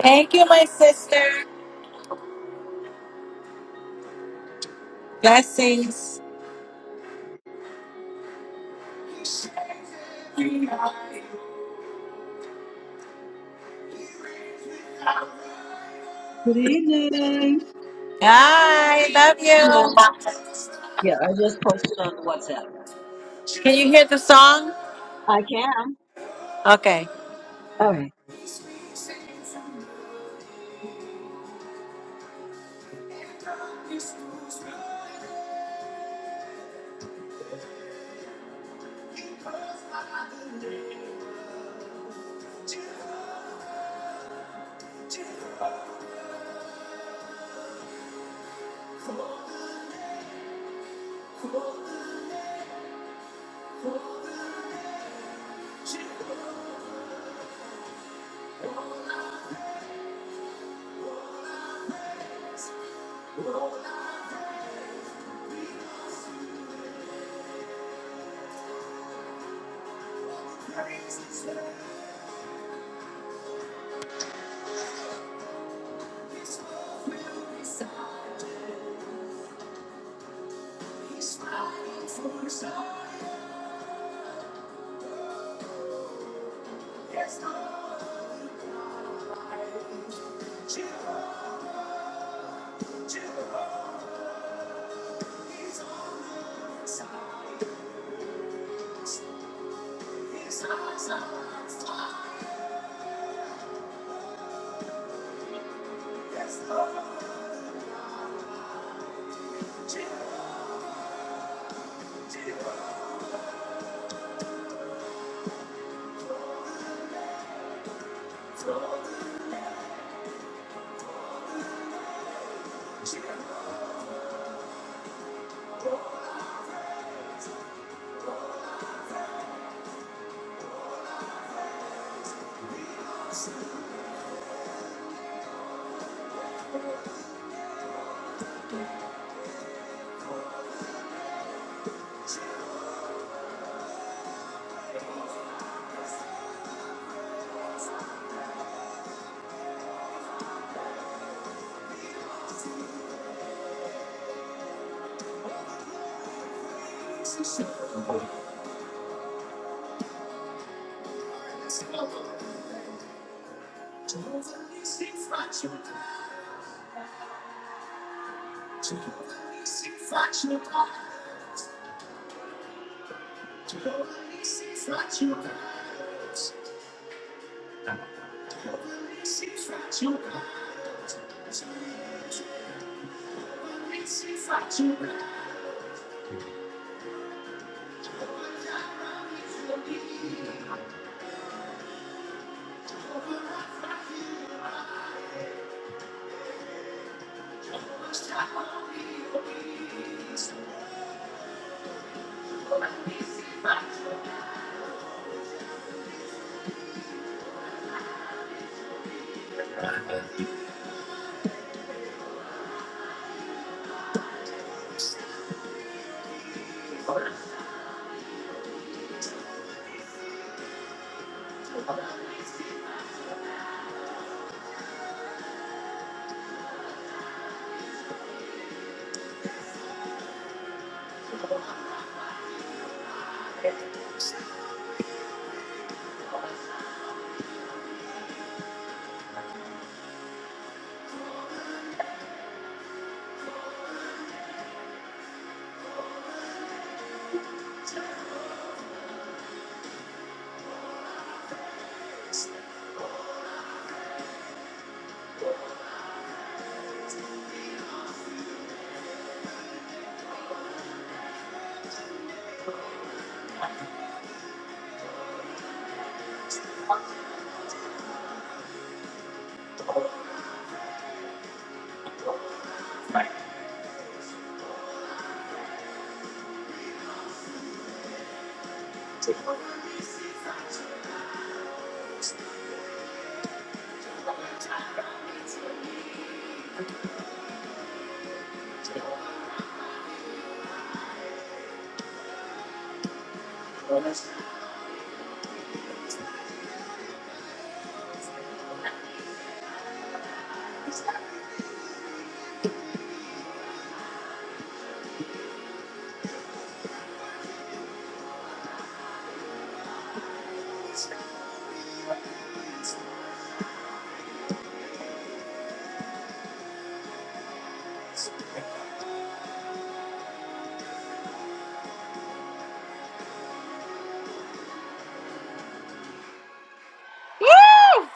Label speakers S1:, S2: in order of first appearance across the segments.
S1: Thank you, my sister. Blessings.
S2: Good evening.
S1: I love
S2: Yeah.
S1: you.
S2: Yeah, I just posted on the WhatsApp.
S1: Can you hear the song?
S2: I can.
S1: Okay.
S2: All right.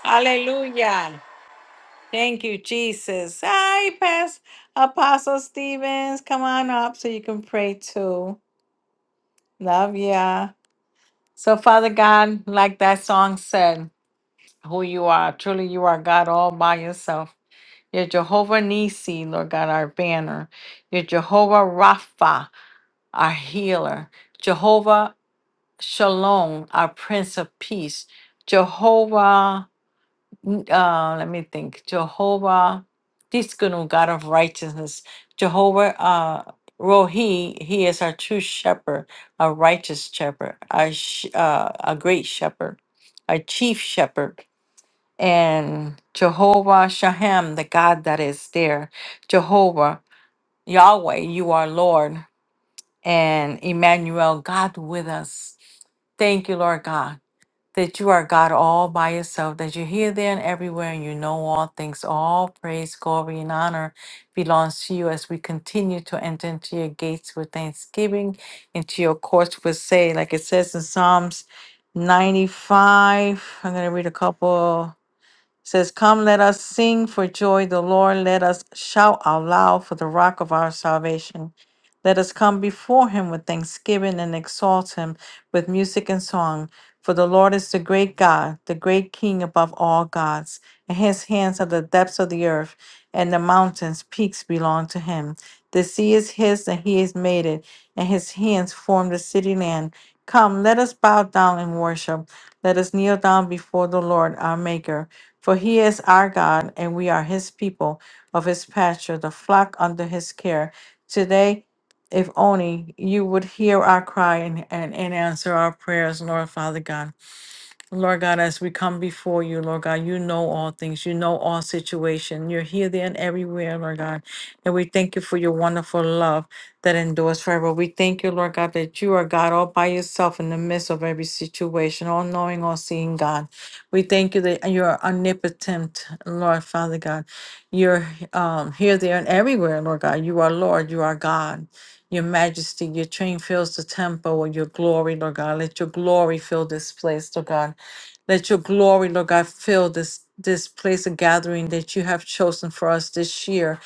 S1: Hallelujah. Thank you, Jesus. Hi, Pastor Apostle Stevens. Come on up so you can pray too. Love ya. So, Father God, like that song said, who you are, truly you are God all by yourself. You're Jehovah Nisi, Lord God, our banner. You're Jehovah Rapha, our healer. Jehovah Shalom, our Prince of Peace, Jehovah. Uh, let me think. Jehovah, Tiskanu, God of Righteousness, Jehovah uh, Rohi. He is our true Shepherd, a righteous Shepherd, a sh- uh, a great Shepherd, a chief Shepherd, and Jehovah Shahem, the God that is there, Jehovah Yahweh, you are Lord, and Emmanuel, God with us. Thank you, Lord God that you are God all by yourself, that you're here, there, and everywhere, and you know all things. All praise, glory, and honor belongs to you as we continue to enter into your gates with thanksgiving, into your courts with say, like it says in Psalms 95. I'm going to read a couple says, Come, let us sing for joy, the Lord. Let us shout out loud for the rock of our salvation. Let us come before him with thanksgiving and exalt him with music and song. For the Lord is the great God, the great King above all gods. In his hands are the depths of the earth, and the mountains, peaks belong to him. The sea is his, and he has made it, and his hands formed the city land. Come, let us bow down and worship. Let us kneel down before the Lord our Maker, for he is our God, and we are his people of his pasture, the flock under his care. Today, if only you would hear our cry and, and, and answer our prayers, Lord Father God. Lord God, as we come before you, Lord God, you know all things. You know all situation. You're here, there, and everywhere, Lord God. And we thank you for your wonderful love that endures forever. We thank you, Lord God, that you are God all by yourself in the midst of every situation, all knowing, all seeing God. We thank you that you're omnipotent, Lord Father God. You're um, here, there, and everywhere, Lord God. You are Lord. You are God. Your majesty, your train fills the temple with your glory, Lord God. Let your glory fill this place, Lord God. Let your glory, Lord God, fill this this place of gathering that you have chosen for us this year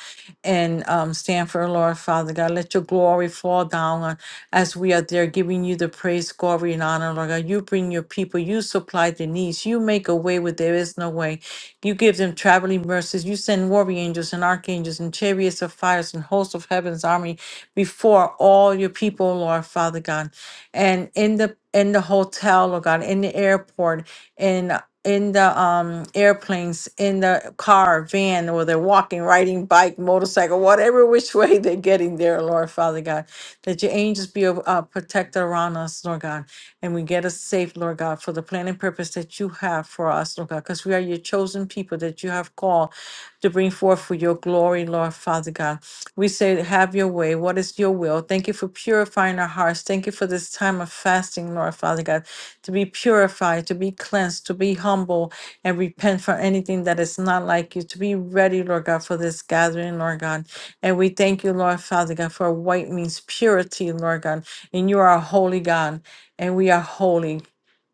S1: in um, Stanford, Lord Father God. Let your glory fall down on as we are there giving you the praise, glory, and honor, Lord God. You bring your people, you supply the needs, you make a way where there is no way. You give them traveling mercies, you send warrior angels and archangels and chariots of fires and hosts of heaven's army before all your people, Lord Father God. And in the in the hotel, Lord God, in the airport, in in the um airplanes, in the car, van, or they're walking, riding, bike, motorcycle, whatever which way they're getting there, Lord Father God. That your angels be a uh, protector around us, Lord God, and we get us safe, Lord God, for the plan and purpose that you have for us, Lord God, because we are your chosen people that you have called to bring forth for your glory, Lord Father God. We say, have your way. What is your will? Thank you for purifying our hearts. Thank you for this time of fasting, Lord Father God to be purified, to be cleansed, to be humble, and repent for anything that is not like you, to be ready, Lord God, for this gathering, Lord God. And we thank you, Lord Father God, for white means purity, Lord God. And you are a holy God, and we are holy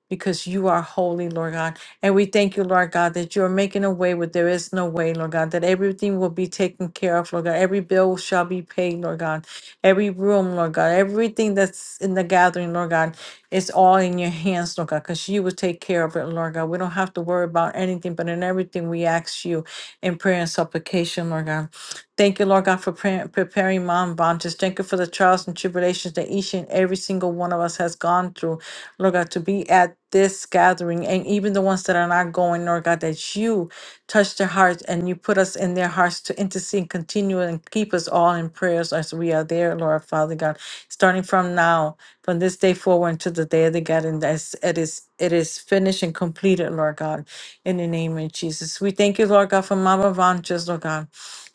S1: because you are holy, Lord God. And we thank you, Lord God, that you are making a way where there is no way, Lord God, that everything will be taken care of, Lord God. Every bill shall be paid, Lord God. Every room, Lord God, everything that's in the gathering, Lord God, it's all in your hands, Lord God, because you will take care of it, Lord God. We don't have to worry about anything, but in everything we ask you in prayer and supplication, Lord God. Thank you, Lord God, for pre- preparing mom bond. Just thank you for the trials and tribulations that each and every single one of us has gone through Lord God, to be at this gathering and even the ones that are not going, Lord God, that you touch their hearts and you put us in their hearts to intercede, continue, and keep us all in prayers as we are there, Lord Father God. Starting from now, from this day forward until the day of the gathering, that's it is it is finished and completed, Lord God, in the name of Jesus. We thank you, Lord God, for Mama Vanches, Lord God.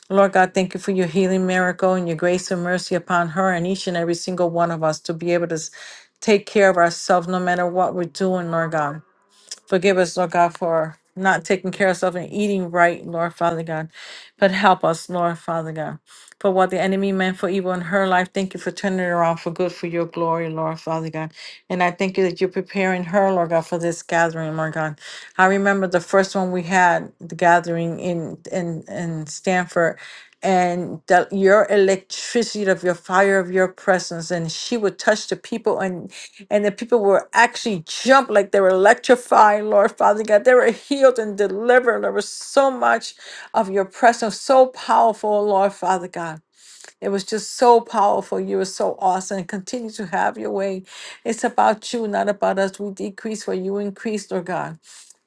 S1: Lord God, thank you for your healing miracle and your grace and mercy upon her and each and every single one of us to be able to s- take care of ourselves no matter what we're doing, Lord God. Forgive us, Lord God, for not taking care of ourselves and eating right, Lord Father God. But help us, Lord Father God. For what the enemy meant for evil in her life, thank you for turning it around for good for your glory, Lord Father God. And I thank you that you're preparing her, Lord God, for this gathering, Lord God. I remember the first one we had, the gathering in in in Stanford, and the, your electricity of your fire of your presence and she would touch the people and and the people were actually jump like they were electrified lord father god they were healed and delivered there was so much of your presence so powerful lord father god it was just so powerful you were so awesome continue to have your way it's about you not about us we decrease where you increase lord god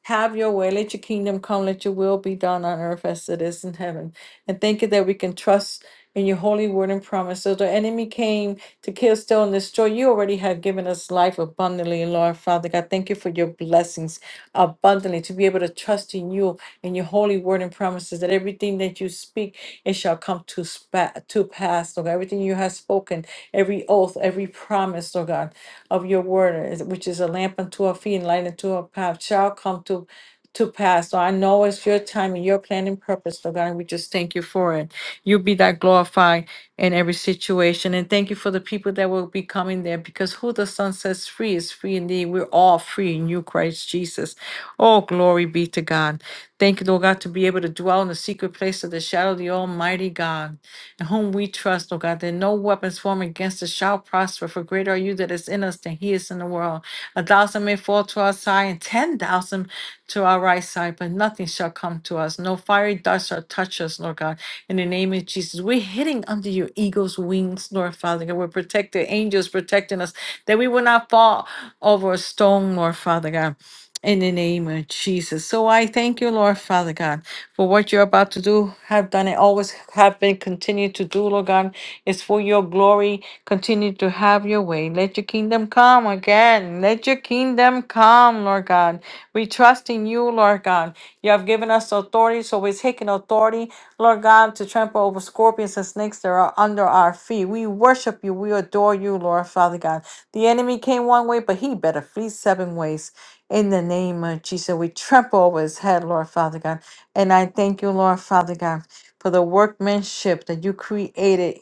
S1: have your way. Let your kingdom come. Let your will be done on earth as it is in heaven. And thank you that we can trust in your holy word and promise. So the enemy came to kill, steal, and destroy. You already have given us life abundantly, Lord Father God. Thank you for your blessings abundantly to be able to trust in you and your holy word and promises that everything that you speak, it shall come to, spa- to pass, Lord. God. Everything you have spoken, every oath, every promise, Lord God. God, of your word, is- which is a lamp unto our feet and light unto our path, shall come to to pass. So I know it's your time and your plan and purpose, Lord God, and we just thank you for it. You be that glorified in every situation. And thank you for the people that will be coming there because who the Son sets free is free indeed. We're all free in you, Christ Jesus. Oh, glory be to God. Thank you, Lord God, to be able to dwell in the secret place of the shadow of the Almighty God in whom we trust, O God, that no weapons formed against us shall prosper, for greater are you that is in us than he is in the world. A thousand may fall to our side and ten thousand to our right side, but nothing shall come to us. No fiery dust shall touch us, Lord God. In the name of Jesus, we're hitting under your eagle's wings, Lord Father God. We're protected, angels protecting us, that we will not fall over a stone, Lord Father God in the name of Jesus. So I thank you, Lord Father God, for what you're about to do, have done, and always have been, continue to do, Lord God. It's for your glory. Continue to have your way. Let your kingdom come again. Let your kingdom come, Lord God. We trust in you, Lord God. You have given us authority, so we're taking authority, Lord God, to trample over scorpions and snakes that are under our feet. We worship you. We adore you, Lord Father God. The enemy came one way, but he better flee seven ways. In the name of Jesus, we trample over his head, Lord Father God. And I thank you, Lord Father God, for the workmanship that you created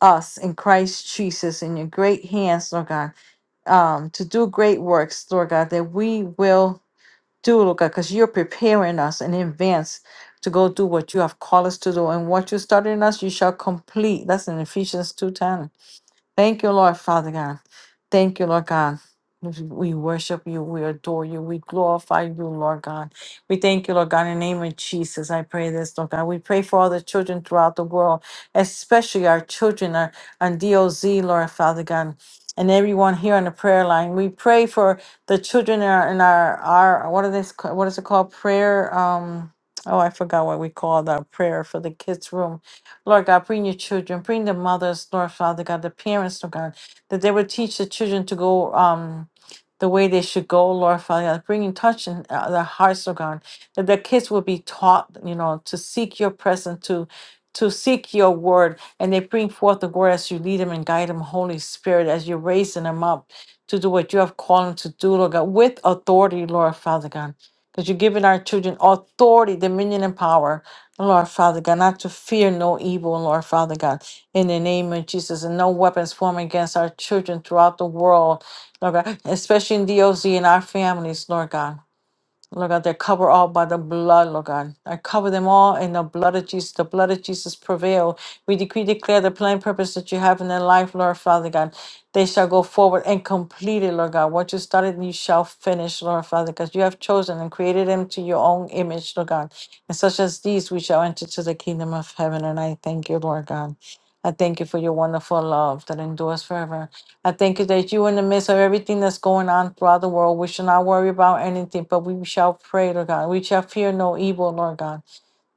S1: us in Christ Jesus in your great hands, Lord God, um, to do great works, Lord God, that we will do, Lord God, because you're preparing us in advance to go do what you have called us to do. And what you started in us, you shall complete. That's in Ephesians 2:10. Thank you, Lord, Father God. Thank you, Lord God. We worship you. We adore you. We glorify you, Lord God. We thank you, Lord God, in the name of Jesus. I pray this, Lord God. We pray for all the children throughout the world, especially our children uh, on DOZ, Lord Father God, and everyone here on the prayer line. We pray for the children in our, in our, our what are this? What is it called? Prayer. Um. Oh, I forgot what we call that prayer for the kids' room Lord God, bring your children, bring the mothers, Lord Father God, the parents, Lord God, that they would teach the children to go um the way they should go, Lord Father God, bringing touch in uh, their hearts, Lord God, that the kids will be taught, you know, to seek your presence, to to seek your word, and they bring forth the word as you lead them and guide them, Holy Spirit, as you're raising them up to do what you have called them to do, Lord God, with authority, Lord Father God. Because you're giving our children authority, dominion, and power Lord Father God, not to fear no evil, Lord Father God, in the name of Jesus, and no weapons formed against our children throughout the world, Lord God, especially in DOZ and our families, Lord God. Lord God, they're covered all by the blood, Lord God. I cover them all in the blood of Jesus. The blood of Jesus prevail. We decree, declare the plain purpose that you have in their life, Lord Father God. They shall go forward and complete it, Lord God. What you started, you shall finish, Lord Father, because you have chosen and created them to your own image, Lord God. And such as these, we shall enter to the kingdom of heaven. And I thank you, Lord God. I thank you for your wonderful love that endures forever. I thank you that you in the midst of everything that's going on throughout the world. We shall not worry about anything, but we shall pray, Lord God. We shall fear no evil, Lord God.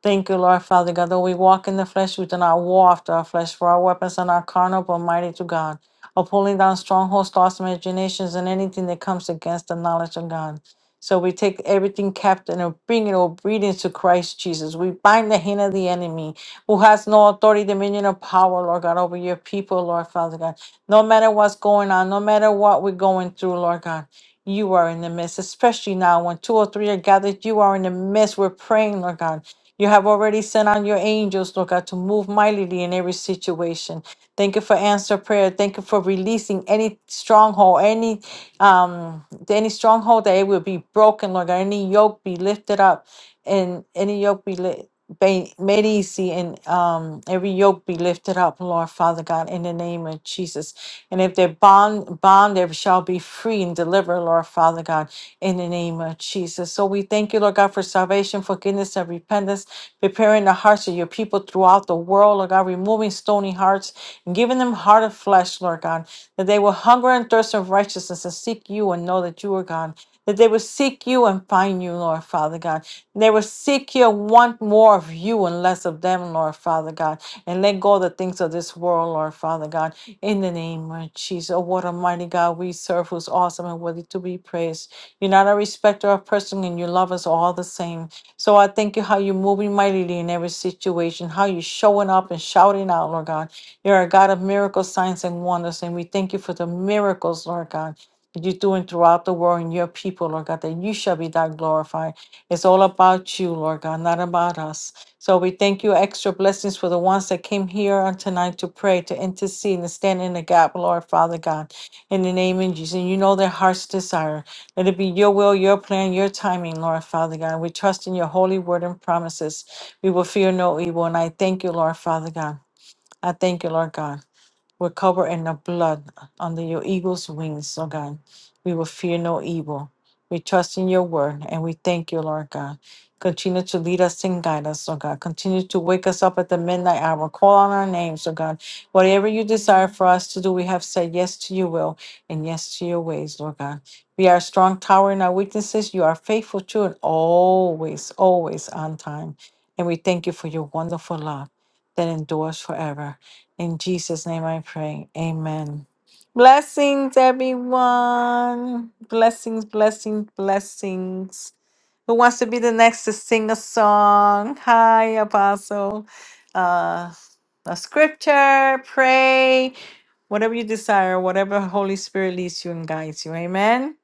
S1: Thank you, Lord Father God. Though we walk in the flesh, we do not war after our flesh, for our weapons are not carnal, but mighty to God. Of pulling down strongholds, thoughts, imaginations, and anything that comes against the knowledge of God. So we take everything captive and bring it obedience to Christ Jesus. We bind the hand of the enemy who has no authority, dominion, or power, Lord God, over your people, Lord Father God. No matter what's going on, no matter what we're going through, Lord God, you are in the midst, especially now when two or three are gathered, you are in the midst. We're praying, Lord God. You have already sent on your angels, Lord God, to move mightily in every situation. Thank you for answer prayer. Thank you for releasing any stronghold, any um any stronghold that it will be broken, Lord God, any yoke be lifted up and any yoke be lifted. Ba- made easy and um, every yoke be lifted up, Lord Father God, in the name of Jesus. And if they're bond, bond, they shall be free and delivered, Lord Father God, in the name of Jesus. So we thank you, Lord God, for salvation, forgiveness, and repentance, preparing the hearts of your people throughout the world, Lord God, removing stony hearts and giving them heart of flesh, Lord God, that they will hunger and thirst of righteousness and seek you and know that you are God that they will seek you and find you, Lord Father God. They will seek you and want more of you and less of them, Lord Father God. And let go of the things of this world, Lord Father God. In the name of Jesus. Oh, what a mighty God we serve, who's awesome and worthy to be praised. You're not a respecter of person and you love us all the same. So I thank you how you're moving mightily in every situation, how you're showing up and shouting out, Lord God. You're a God of miracles, signs, and wonders. And we thank you for the miracles, Lord God you're doing throughout the world and your people, Lord God, that you shall be thy glorified. It's all about you, Lord God, not about us. So we thank you extra blessings for the ones that came here on tonight to pray, to intercede, and stand in the gap, Lord Father God, in the name of Jesus. And you know their heart's desire. Let it be your will, your plan, your timing, Lord Father God. We trust in your holy word and promises. We will fear no evil. And I thank you, Lord Father God. I thank you, Lord God. We're covered in the blood under your eagle's wings, oh God. We will fear no evil. We trust in your word and we thank you, Lord God. Continue to lead us and guide us, oh God. Continue to wake us up at the midnight hour. Call on our names, oh God. Whatever you desire for us to do, we have said yes to your will and yes to your ways, Lord God. We are a strong tower in our weaknesses. You are faithful to and always, always on time. And we thank you for your wonderful love that endures forever. In Jesus' name I pray. Amen. Blessings, everyone. Blessings, blessings, blessings. Who wants to be the next to sing a song? Hi, Apostle. Uh, a scripture, pray, whatever you desire, whatever Holy Spirit leads you and guides you. Amen.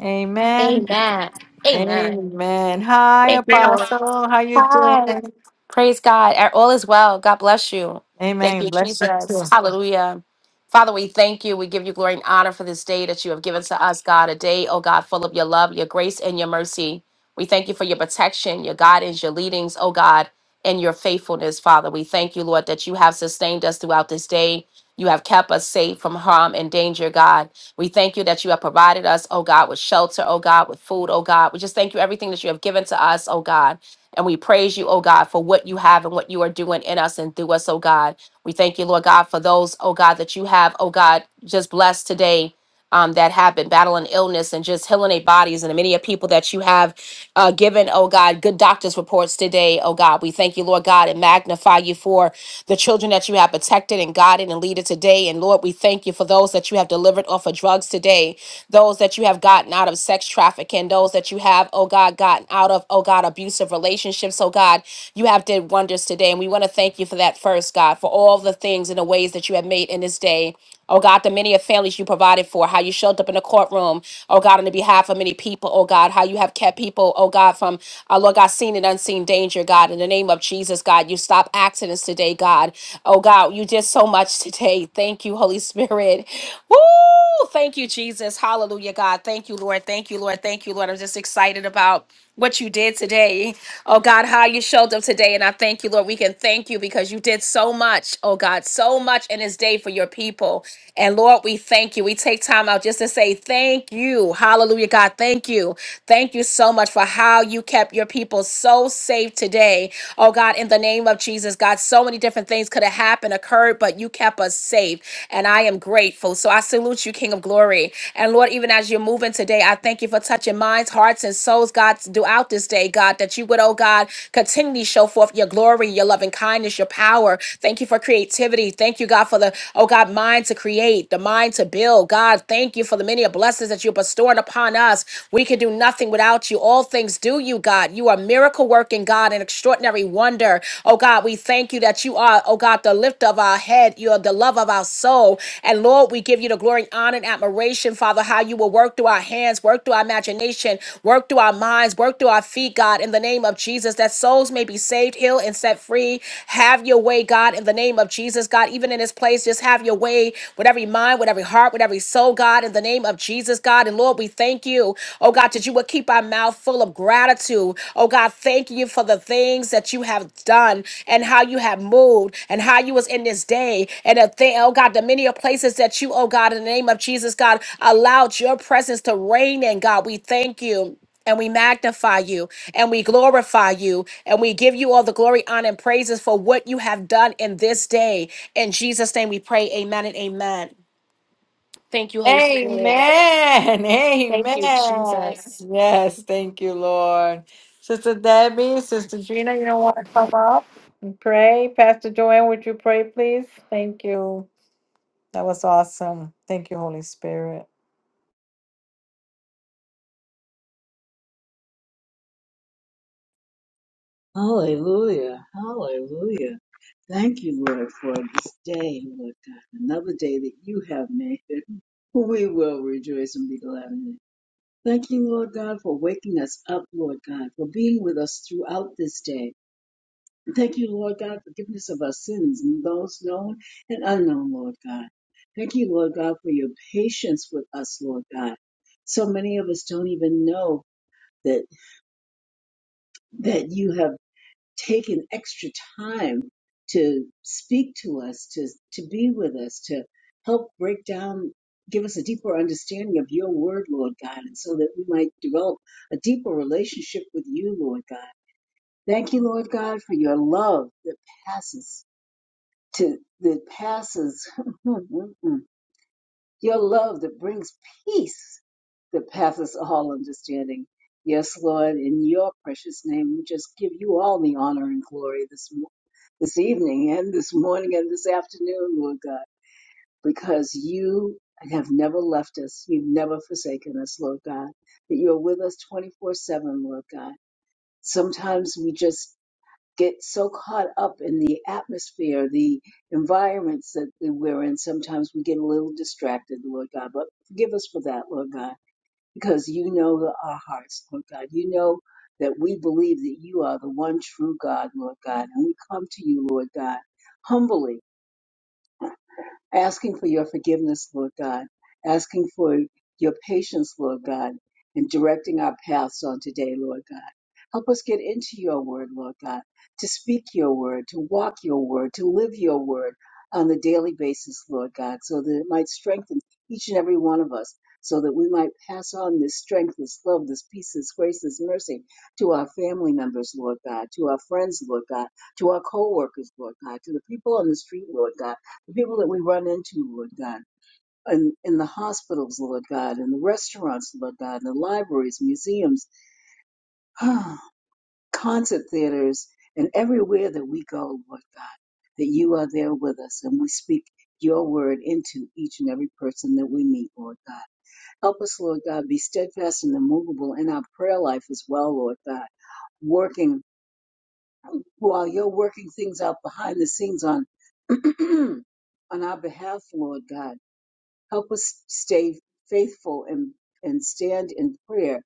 S1: Amen.
S3: Amen. Amen.
S1: Amen. Hi,
S3: Thank you, Lord.
S1: Apostle. How you
S3: Hi.
S1: doing?
S3: Praise God. Uh, All is well. God bless you. Thank
S1: Amen.
S3: you,
S1: Bless you
S3: Jesus.
S1: too.
S3: Hallelujah. Father, we thank you. We give you glory and honor for this day that you have given to us, God. A day, oh God, full of your love, your grace, and your mercy. We thank you for your protection, your guidance, your leadings, oh God, and your faithfulness, Father. We thank you, Lord, that you have sustained us throughout this day. You have kept us safe from harm and danger, God. We thank you that you have provided us, oh God, with shelter, oh God, with food, oh God. We just thank you everything that you have given to us, oh God. And we praise you, oh God, for what you have and what you are doing in us and through us, oh God. We thank you, Lord God, for those, oh God, that you have, oh God, just blessed today. Um, that have been battling illness and just healing their bodies, and the many of people that you have uh, given, oh God, good doctor's reports today, oh God. We thank you, Lord God, and magnify you for the children that you have protected and guided and leaded today. And Lord, we thank you for those that you have delivered off of drugs today those that you have gotten out of sex trafficking, those that you have, oh God, gotten out of, oh God, abusive relationships. Oh God, you have did wonders today. And we want to thank you for that first, God, for all the things and the ways that you have made in this day. Oh God, the many of families you provided for, how you showed up in the courtroom, oh God, on the behalf of many people, oh God, how you have kept people, oh God, from, uh, Lord God, seen and unseen danger, God, in the name of Jesus, God, you stop accidents today, God. Oh God, you did so much today. Thank you, Holy Spirit. Woo! Thank you, Jesus. Hallelujah, God. Thank you, Lord. Thank you, Lord. Thank you, Lord. I'm just excited about what you did today. Oh, God, how you showed up today. And I thank you, Lord. We can thank you because you did so much, oh, God, so much in this day for your people. And Lord, we thank you. We take time out just to say thank you. Hallelujah, God. Thank you. Thank you so much for how you kept your people so safe today. Oh, Oh God, in the name of Jesus, God, so many different things could have happened, occurred, but you kept us safe. And I am grateful. So I salute you, King of Glory. And Lord, even as you're moving today, I thank you for touching minds, hearts, and souls, God, throughout this day, God, that you would, oh God, continually show forth your glory, your loving kindness, your power. Thank you for creativity. Thank you, God, for the, oh God, mind to create, the mind to build. God, thank you for the many blessings that that you're bestowing upon us. We can do nothing without you. All things do you, God. You are miracle working, God, an extraordinary wonder. Oh, God, we thank you that you are, oh, God, the lift of our head. You are the love of our soul. And Lord, we give you the glory, honor, and admiration, Father, how you will work through our hands, work through our imagination, work through our minds, work through our feet, God, in the name of Jesus, that souls may be saved, healed, and set free. Have your way, God. God, in the name of Jesus, God, even in this place, just have your way with every mind, with every heart, with every soul, God, in the name of Jesus, God. And Lord, we thank you, oh God, that you would keep our mouth full of gratitude. Oh God, thank you for the things that you have done and how you have moved and how you was in this day. And the thing, oh God, the many places that you, oh God, in the name of Jesus, God, allowed your presence to reign in, God. We thank you and we magnify you and we glorify you and we give you all the glory, honor, and praises for what you have done in this day. In Jesus' name we pray. Amen and amen. Thank you, Holy Spirit.
S1: Amen.
S3: Thank you,
S1: Amen.
S3: Jesus.
S1: Yes, thank you, Lord. Sister Debbie, Sister Gina, you don't want to come up and pray? Pastor Joanne, would you pray, please? Thank you. That was awesome. Thank you, Holy Spirit.
S2: Hallelujah. Hallelujah. Thank you, Lord, for this day, Lord God. Another day that you have made. We will rejoice and be glad in it. Thank you, Lord God, for waking us up, Lord God, for being with us throughout this day. Thank you, Lord God, forgiveness of our sins, those known and unknown, Lord God. Thank you, Lord God, for your patience with us, Lord God. So many of us don't even know that that you have taken extra time to speak to us, to to be with us, to help break down, give us a deeper understanding of your word, Lord God, and so that we might develop a deeper relationship with you, Lord God. Thank you, Lord God, for your love that passes to that passes your love that brings peace that passes all understanding. Yes, Lord, in your precious name, we just give you all the honor and glory this mo- this evening and this morning and this afternoon, Lord God, because you have never left us. You've never forsaken us, Lord God. That you're with us 24/7, Lord God. Sometimes we just get so caught up in the atmosphere, the environments that we're in, sometimes we get a little distracted, Lord God. But forgive us for that, Lord God, because you know the- our hearts, Lord God. You know that we believe that you are the one true God, Lord God. And we come to you, Lord God, humbly asking for your forgiveness, Lord God, asking for your patience, Lord God, and directing our paths on today, Lord God. Help us get into your word, Lord God, to speak your word, to walk your word, to live your word on the daily basis, Lord God, so that it might strengthen each and every one of us, so that we might pass on this strength, this love, this peace, this grace, this mercy to our family members, Lord God, to our friends, Lord God, to our co workers, Lord God, to the people on the street, Lord God the people that we run into, Lord God, in, in the hospitals, Lord God, in the restaurants, Lord God, in the libraries, museums, concert theaters, and everywhere that we go, Lord God, that you are there with us and we speak your word into each and every person that we meet, Lord God. Help us, Lord God, be steadfast and immovable in our prayer life as well, Lord God, working while you're working things out behind the scenes on on our behalf, Lord God Help us stay faithful and, and stand in prayer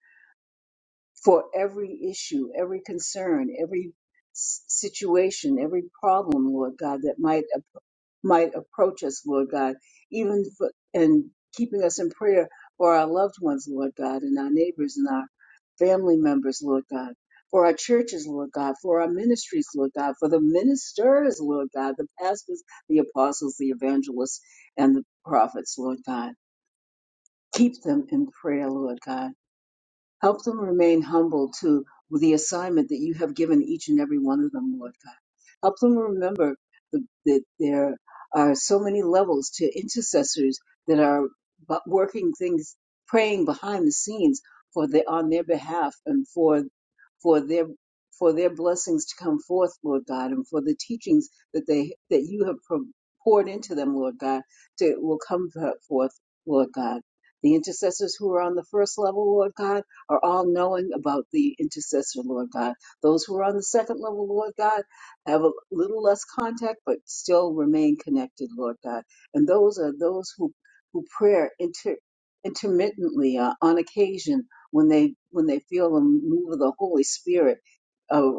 S2: for every issue, every concern, every s- situation, every problem, Lord God, that might might approach us, Lord God, even for, and keeping us in prayer for our loved ones, Lord God, and our neighbors and our family members, Lord God, for our churches, Lord God, for our ministries, Lord God, for the ministers, Lord God, the pastors, the apostles, the evangelists, and the prophets, Lord God. Keep them in prayer, Lord God. Help them remain humble to the assignment that you have given each and every one of them, Lord God. Help them remember the, that there are so many levels to intercessors that are bu- working things, praying behind the scenes for the, on their behalf and for for their for their blessings to come forth, Lord God, and for the teachings that they that you have pro- poured into them, Lord God, to will come forth, Lord God the intercessors who are on the first level, Lord God are all knowing about the intercessor, Lord God. Those who are on the second level, Lord God, have a little less contact, but still remain connected, Lord God. And those are those who, who prayer inter, intermittently uh, on occasion when they when they feel the move of the Holy Spirit. Uh,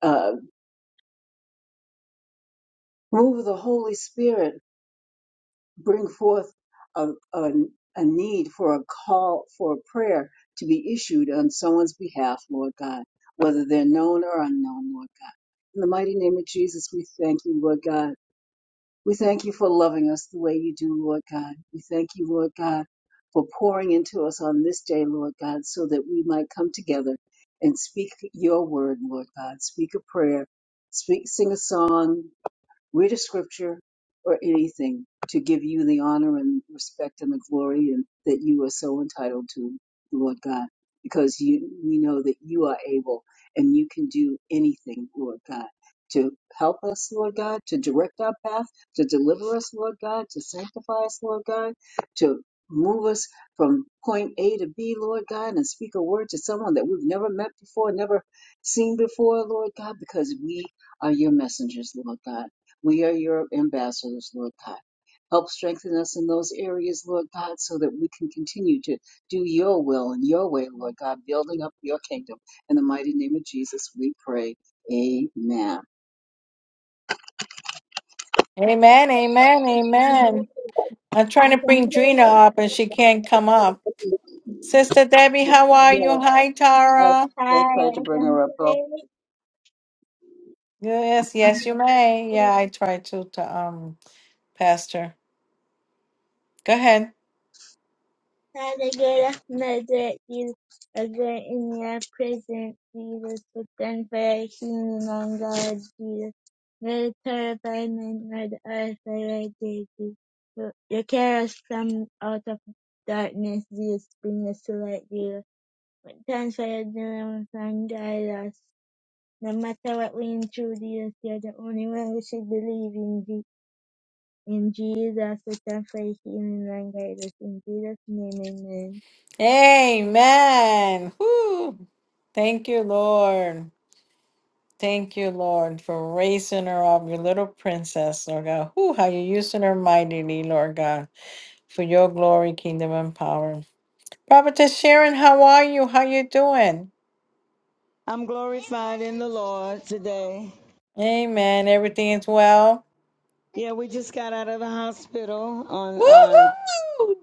S2: uh, move of the Holy Spirit bring forth a, a, a need for a call for a prayer to be issued on someone's behalf, Lord God, whether they're known or unknown, Lord God. In the mighty name of Jesus, we thank you, Lord God. We thank you for loving us the way you do, Lord God. We thank you, Lord God, for pouring into us on this day, Lord God, so that we might come together and speak your word, Lord God. Speak a prayer, speak, sing a song, read a scripture or anything to give you the honor and respect and the glory and that you are so entitled to lord god because you we know that you are able and you can do anything lord god to help us lord god to direct our path to deliver us lord god to sanctify us lord god to move us from point a to b lord god and speak a word to someone that we've never met before never seen before lord god because we are your messengers, Lord God. We are your ambassadors, Lord God. Help strengthen us in those areas, Lord God, so that we can continue to do your will and your way, Lord God, building up your kingdom. In the mighty name of Jesus, we pray. Amen.
S1: Amen. Amen.
S4: I
S1: Amen.
S4: can
S1: I'm trying to
S4: play.
S1: bring Gina up and she can't come up. Sister Debbie, how are you?
S2: Yes,
S1: Hi,
S2: I
S1: Tara.
S4: Hi,
S2: just tried to
S4: I
S2: bring
S4: can
S2: her up. Oh,
S4: play.
S1: Yes, yes, you may. Yeah, I tried to, to um, Pastor. Go ahead.
S4: How the good of murder is a good in your presence, Jesus, with them for healing on God, Jesus. No terrified men nor the earth by thy deity. You you carry us from out of darkness, Jesus, bring us to light, Jesus. But thanks for your deliverance and guide us. No matter what we intrude, Jesus, you're the only one we should believe in, In Jesus, we can pray healing languages. In Jesus' name, amen.
S1: Amen. Whew. Thank you, Lord. Thank you, Lord, for raising her up, your little princess, Lord God. Whew, how you're using her mightily, Lord God, for your glory, kingdom, and power. Prophetess Sharon, how are you? How you doing?
S5: I'm glorified in the Lord today.
S1: Amen. Everything is well.
S5: Yeah, we just got out of the hospital on uh,
S1: Woohoo!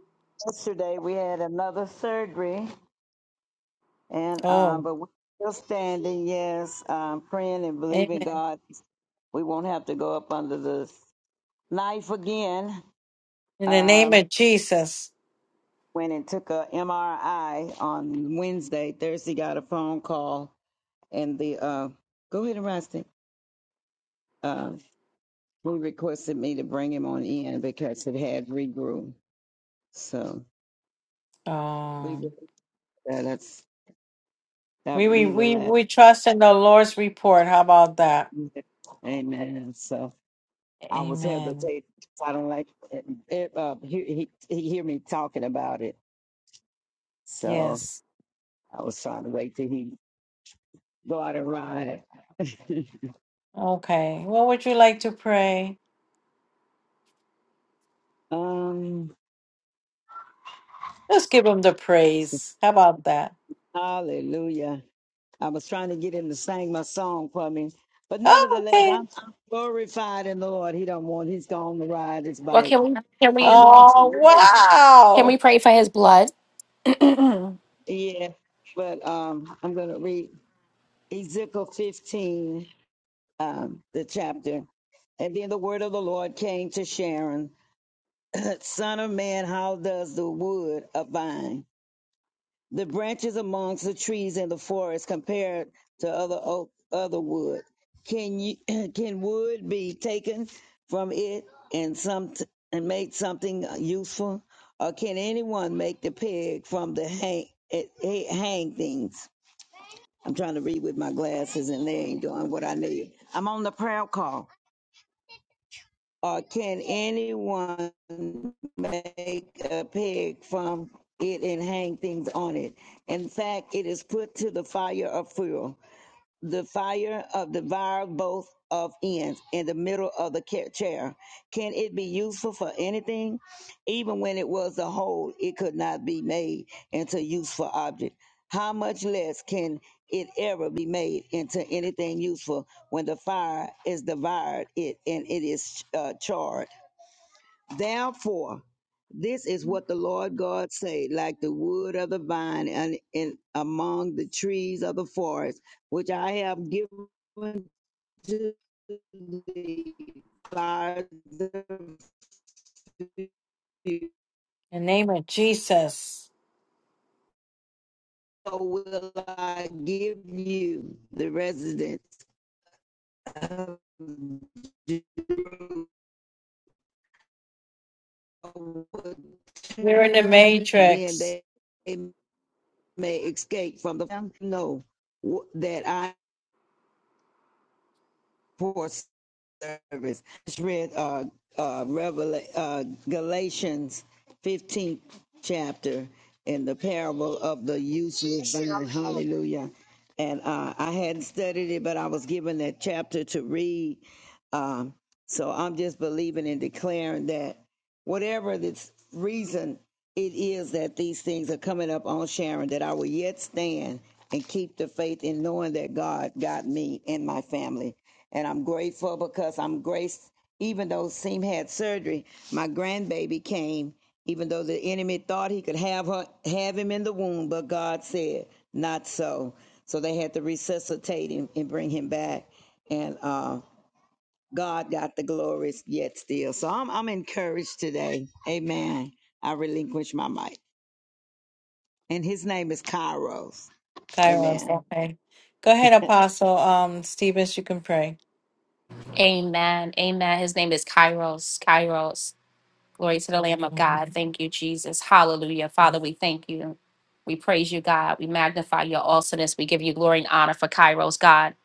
S5: yesterday. We had another surgery, and um,
S1: Oh,
S5: but we're still standing. Yes, um, praying and believing
S1: amen.
S5: God. We won't have to go up under the knife again.
S1: In the name
S5: Um,
S1: of Jesus.
S5: went and took a MRI on Wednesday. Thursday, got a phone call, and the uh, go ahead and rest it. Uh, who requested me to bring him on in because it had regrew. So. We
S1: Oh,
S5: will that that's
S1: we,
S5: that
S1: we,
S5: be the
S1: we,
S5: last.
S1: we trust in the Lord's report. How about that?
S5: Amen. So I was
S1: Amen.
S5: hesitant. I don't like it, it, uh, he, he he hear me talking about it. So
S1: Yes.
S5: I was trying to wait till he go out and ride.
S1: Okay. What would you like to pray?
S5: um,
S1: Let's give him the praise. How about that?
S5: hallelujah. I was trying to get him to sing my song for me. But
S1: Oh,
S5: nevertheless,
S1: okay.
S5: I'm I'm glorified in the Lord. He don't want, he's going to ride his
S3: Well,
S5: bike.
S3: can we can
S5: I'm
S3: we
S5: going
S1: Oh,
S5: to,
S3: can we
S1: wow.
S3: pray for his blood?
S5: yeah, but um, I'm going to read Ezekiel 15, um, the chapter. And then the word of the Lord came to Sharon, Son of man, how does the wood of vine, the branches amongst the trees in the forest, compared to other oak, other wood? Can you can wood be taken from it and some and made something useful, or can anyone make the peg from the hang, eh, eh, hang things? I'm trying to read with my glasses and they ain't doing what I need. I'm on the prayer call. Uh, can anyone make a pig from it and hang things on it? In fact, it is put to the fire of fuel the fire of devour both of ends in the middle of the ca- chair. Can it be useful for anything? Even when it was a whole, it could not be made into useful object. How much less can it ever be made into anything useful when the fire is devoured it and it is uh, charred? Therefore, this is what the Lord God said, like the wood of the vine and, and among the trees of the forest, which I have given to thee by the few,
S1: In the name of Jesus.
S5: so will I give you the residents of Jerusalem.
S1: You're in the
S5: Then
S1: matrix.
S5: they may escape from the no that I for service. Just read uh, uh, Revel- uh, Galatians 15th chapter in the parable of the useless vine. Hallelujah. And uh, I hadn't studied it, but I was given that chapter to read. Um, so I'm just believing and declaring that whatever this reason it is that these things are coming up on Sharon that I will yet stand and keep the faith in knowing that God got me and my family. And I'm grateful because I'm graced, even though Seam had surgery, my grandbaby came, even though the enemy thought he could have her have him in the womb, but God said, not so. So they had to resuscitate him and bring him back. And uh God got the glories yet still. So I'm I'm encouraged today. Amen. I relinquish my mic. And his name is Kairos.
S1: Kairos.
S5: Amen.
S1: Okay. Go ahead, Apostle. Um, Stevens, you can pray.
S3: Amen. Amen. His name is Kairos. Kairos. Glory to the Lamb of God. Thank you, Jesus. Hallelujah. Father, we thank you. We praise you, God. We magnify your awesomeness. We give you glory and honor for Kairos, God.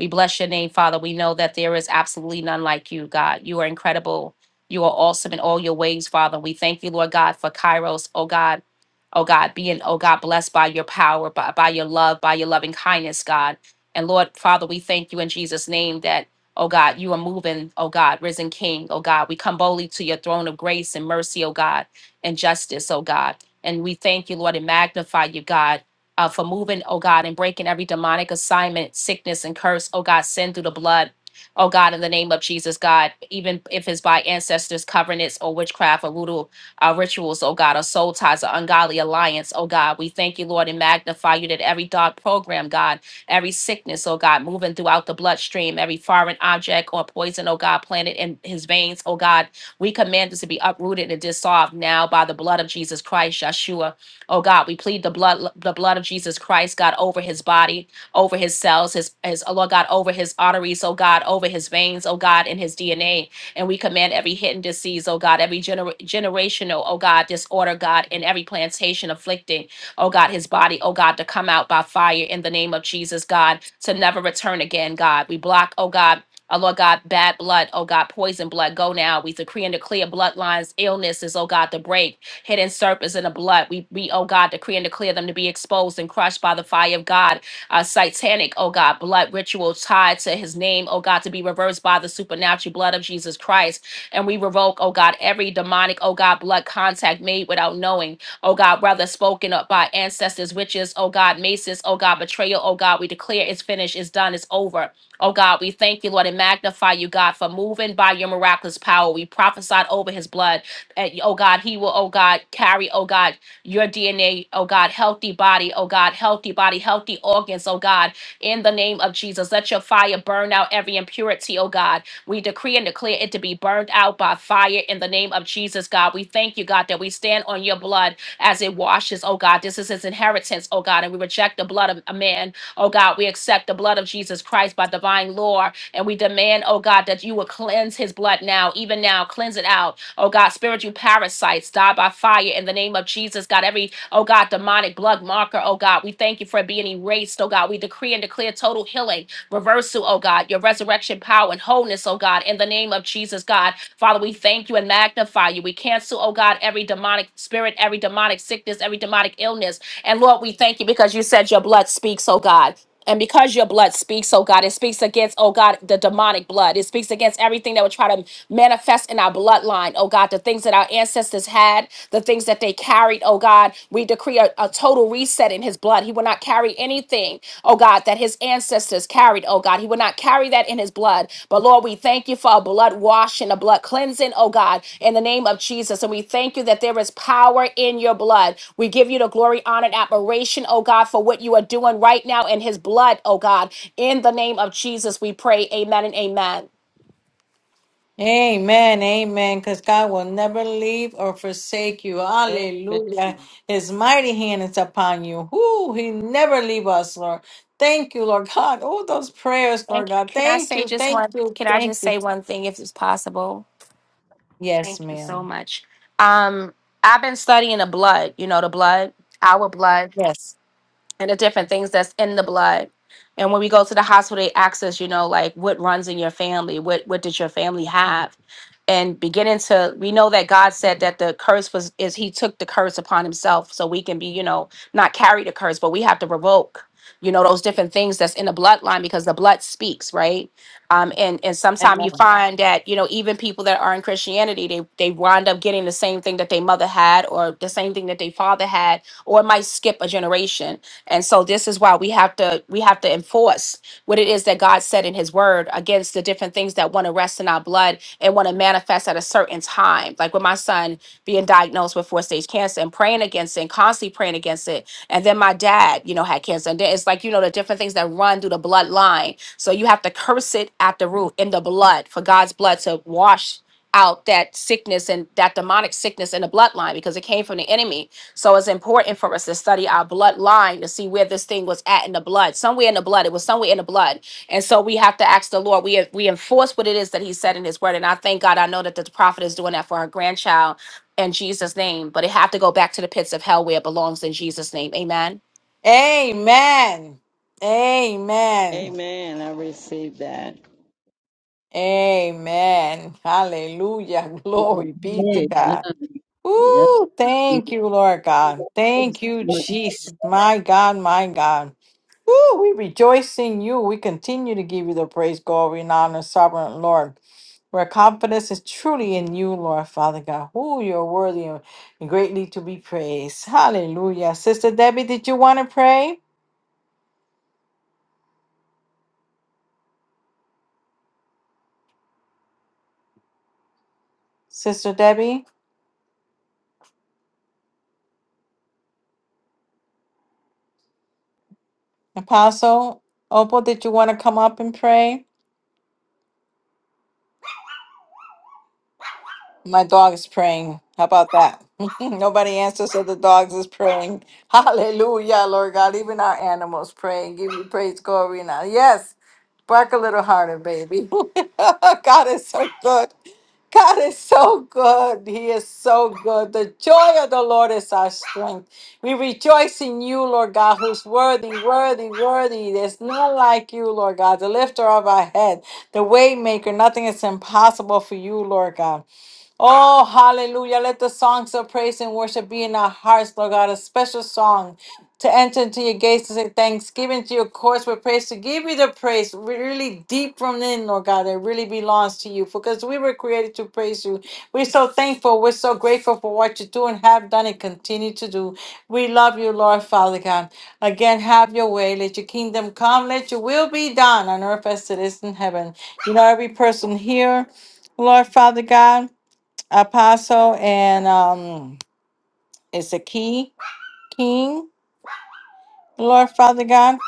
S3: We bless your name, Father. We know that there is absolutely none like you, God. You are incredible. You are awesome in all your ways, Father. We thank you, Lord God, for Kairos, oh God. Oh God, being, oh God, blessed by your power, by, by your love, by your loving kindness, God. And Lord, Father, we thank you in Jesus' name that. Oh God, you are moving, oh God, risen King, oh God. We come boldly to your throne of grace and mercy, oh God, and justice, oh God. And we thank you, Lord, and magnify you, God, uh, for moving, oh God, and breaking every demonic assignment, sickness, and curse, oh God, send through the blood. Oh God, in the name of Jesus, God, even if it's by ancestors, covenants, or witchcraft, or voodoo uh, rituals, oh God, or soul ties, or ungodly alliance, oh God, we thank you, Lord, and magnify you that every dark program, God, every sickness, oh God, moving throughout the bloodstream, every foreign object or poison, oh God, planted in his veins, oh God. We command this to be uprooted and dissolved now by the blood of Jesus Christ, Yeshua. Oh God, we plead the blood, the blood of Jesus Christ, God, over his body, over his cells, his his oh Lord God, over his arteries, oh God, over his veins, oh God, in his DNA. And we command every hidden disease, oh God, every gener- generational, oh God, disorder, God, in every plantation afflicting oh God, his body, oh God, to come out by fire in the name of Jesus, God, to never return again, God. We block, oh God. Oh Lord God, bad blood, oh God, poison blood, go now. We decree and declare bloodlines, illnesses, oh God, to break, hidden serpents in the blood. We, we, oh God, decree and declare them to be exposed and crushed by the fire of God. Uh, satanic, oh God, blood rituals tied to his name, oh God, to be reversed by the supernatural blood of Jesus Christ. And we revoke, oh God, every demonic, oh God, blood contact made without knowing oh God, rather spoken up by ancestors, witches, oh God, maces, oh God, betrayal, oh God, we declare it's finished, it's done, it's over. Oh God, we thank you, Lord, and magnify you, God, for moving by your miraculous power. We prophesied over his blood. And, oh God, he will, oh God, carry, oh God, your DNA, oh God, healthy body, oh God, healthy body, healthy organs, oh God, in the name of Jesus. Let your fire burn out every impurity, oh God. We decree and declare it to be burned out by fire in the name of Jesus, God. We thank you, God, that we stand on your blood as it washes. Oh God, this is his inheritance. Oh God, and we reject the blood of a man. Oh God, we accept the blood of Jesus Christ by divine law. And we demand, oh God, that you would cleanse his blood now, even now, cleanse it out. Oh God, spiritual parasites die by fire in the name of Jesus. God, every, oh God, demonic blood marker, oh God, we thank you for it being erased. Oh God, we decree and declare total healing, reversal, oh God, your resurrection power and wholeness, oh God, in the name of Jesus, God. Father, we thank you and magnify you. We cancel, oh God, every demonic spirit, every demonic sickness, every demonic illness. And Lord, we thank you because you said your blood speaks, oh God. And because your blood speaks, oh God, it speaks against, oh God, the demonic blood. It speaks against everything that would try to manifest in our bloodline, oh God, the things that our ancestors had, the things that they carried, oh God. We decree a, a total reset in his blood. He will not carry anything oh God, that his ancestors carried, oh God. He would not carry that in his blood. But Lord, we thank you for a blood washing, a blood cleansing, oh God, in the name of Jesus. And we thank you that there is power in your blood. We give you the glory, honor, and admiration, oh God, for what you are doing right now in his blood, oh God. In the name of Jesus, we pray. Amen and amen.
S1: Amen, amen. Because God will never leave or forsake you.
S5: Amen.
S1: Hallelujah. His mighty hand is upon you. Whoo, he never leave us, Lord. Thank you, Lord God. All those prayers, Lord
S3: Thank you.
S1: God.
S3: Can I
S1: Thank
S3: say
S1: you,
S3: just
S1: thank
S3: one?
S1: you,
S3: Can I
S1: thank
S3: just
S1: you.
S3: say one thing if it's possible?
S1: Yes,
S3: Thank you so
S1: ma'am.
S3: much. Um, I've been studying the blood, you know, the blood, our blood.
S1: Yes.
S3: and the different things that's in the blood. And when we go to the hospital, they ask us, you know, like what runs in your family? What what did your family have? And beginning to we know that God said that the curse was is he took the curse upon himself. So we can be, you know, not carry the curse, but we have to revoke, you know, those different things that's in the bloodline because the blood speaks, right? Um, and and sometimes you
S1: Amen.
S3: find that, you know, even people that are in Christianity, they they wind up getting the same thing that their mother had or the same thing that their father had, or it might skip a generation and so this is why we have to we have to enforce what it is that God said in his word against the different things that want to rest in our blood and want to manifest at a certain time. Like with my son being diagnosed with four stage cancer and praying against it and constantly praying against it. And then my dad, you know, had cancer. And then it's like, you know, the different things that run through the bloodline. So you have to curse it at the root in the blood for God's blood to wash out that sickness and that demonic sickness in the bloodline because it came from the enemy so it's important for us to study our bloodline to see where this thing was at in the blood. Somewhere in the blood, it was somewhere in the blood. And so we have to ask the Lord. We we enforce what it is that He said in His Word. And I thank God. I know that the prophet is doing that for our grandchild in Jesus' name. But it have to go back to the pits of hell where it belongs in Jesus' name. Amen.
S1: Amen. Amen.
S5: Amen. I receive that.
S1: Amen. Hallelujah. Glory be to
S2: Amen.
S1: God.
S2: Yes,
S1: Ooh,
S2: yes.
S1: thank you, Lord God. Thank you, Jesus. My God, my God. Ooh, we rejoice in you. We continue to give you the praise, glory, and honor, sovereign Lord. Where confidence is truly in you, Lord Father God. Ooh, you're worthy and greatly to be praised. Hallelujah. Sister Debbie, did you want to pray? Sister Debbie, Apostle Opal, did you want to come up and pray? My dog is praying. How about that? Nobody answers, so the dogs is praying. Hallelujah, Lord God. Even our animals pray and give you praise, glory, now. Yes, bark a little harder, baby. God is so good. God is so good. He is so good. The joy of the Lord is our strength. We rejoice in you, Lord God, who's worthy, worthy, worthy. There's none like you, Lord God, the lifter of our head, the way maker. Nothing is impossible for you, Lord God. Oh, hallelujah. Let the songs of praise and worship be in our hearts, Lord God, a special song to enter into your gates to say thanksgiving to your courts with praise, to give you the praise really deep from in, Lord God, that really belongs to you. Because we were created to praise you. We're so thankful. We're so grateful for what you do and have done and continue to do. We love you, Lord Father God. Again, have your way. Let your kingdom come. Let your will be done on earth as it is in heaven. You know, every person here, Lord Father God. Apostle and um, it's a key king, Lord Father God.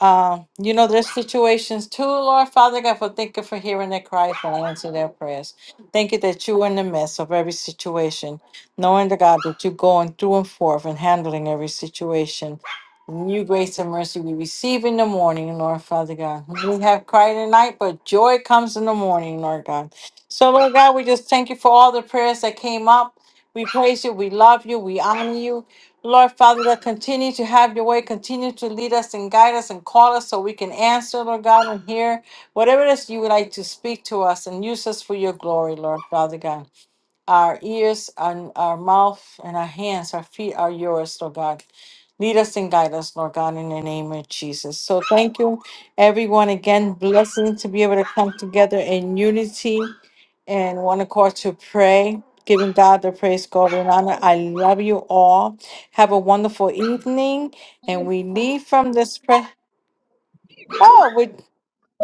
S1: Um, you know, there's situations too, Lord Father God, for thank you for hearing their cries and answering their prayers. Thank you that you are in the midst of every situation, knowing the God that you're going through and forth and handling every situation. New grace and mercy we receive in the morning, Lord Father God. We have cried at night, but joy comes in the morning, Lord God. So, Lord God, we just thank you for all the prayers that came up. We praise you, we love you, we honor you. Lord Father, Lord, continue to have your way, continue to lead us and guide us and call us so we can answer, Lord God, and hear whatever it is you would like to speak to us and use us for your glory, Lord Father God. Our ears and our mouth and our hands, our feet are yours, Lord God. Lead us and guide us, Lord God, in the name of Jesus. So thank you, everyone. Again, blessing to be able to come together in unity and one accord to pray, giving God the praise, glory, and honor. I love you all. Have a wonderful evening. And we leave from this prayer. Oh, we,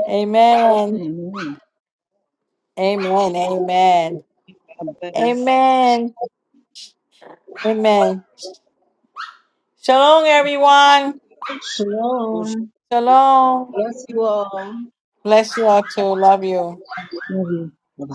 S1: amen.
S2: Amen.
S1: Amen.
S5: God
S1: Amen.
S5: bless.
S1: Amen. Amen. Shalom, everyone.
S2: Shalom.
S1: Shalom.
S2: Bless you all.
S1: Bless you all too. Love you.
S2: Love you. Bye-bye.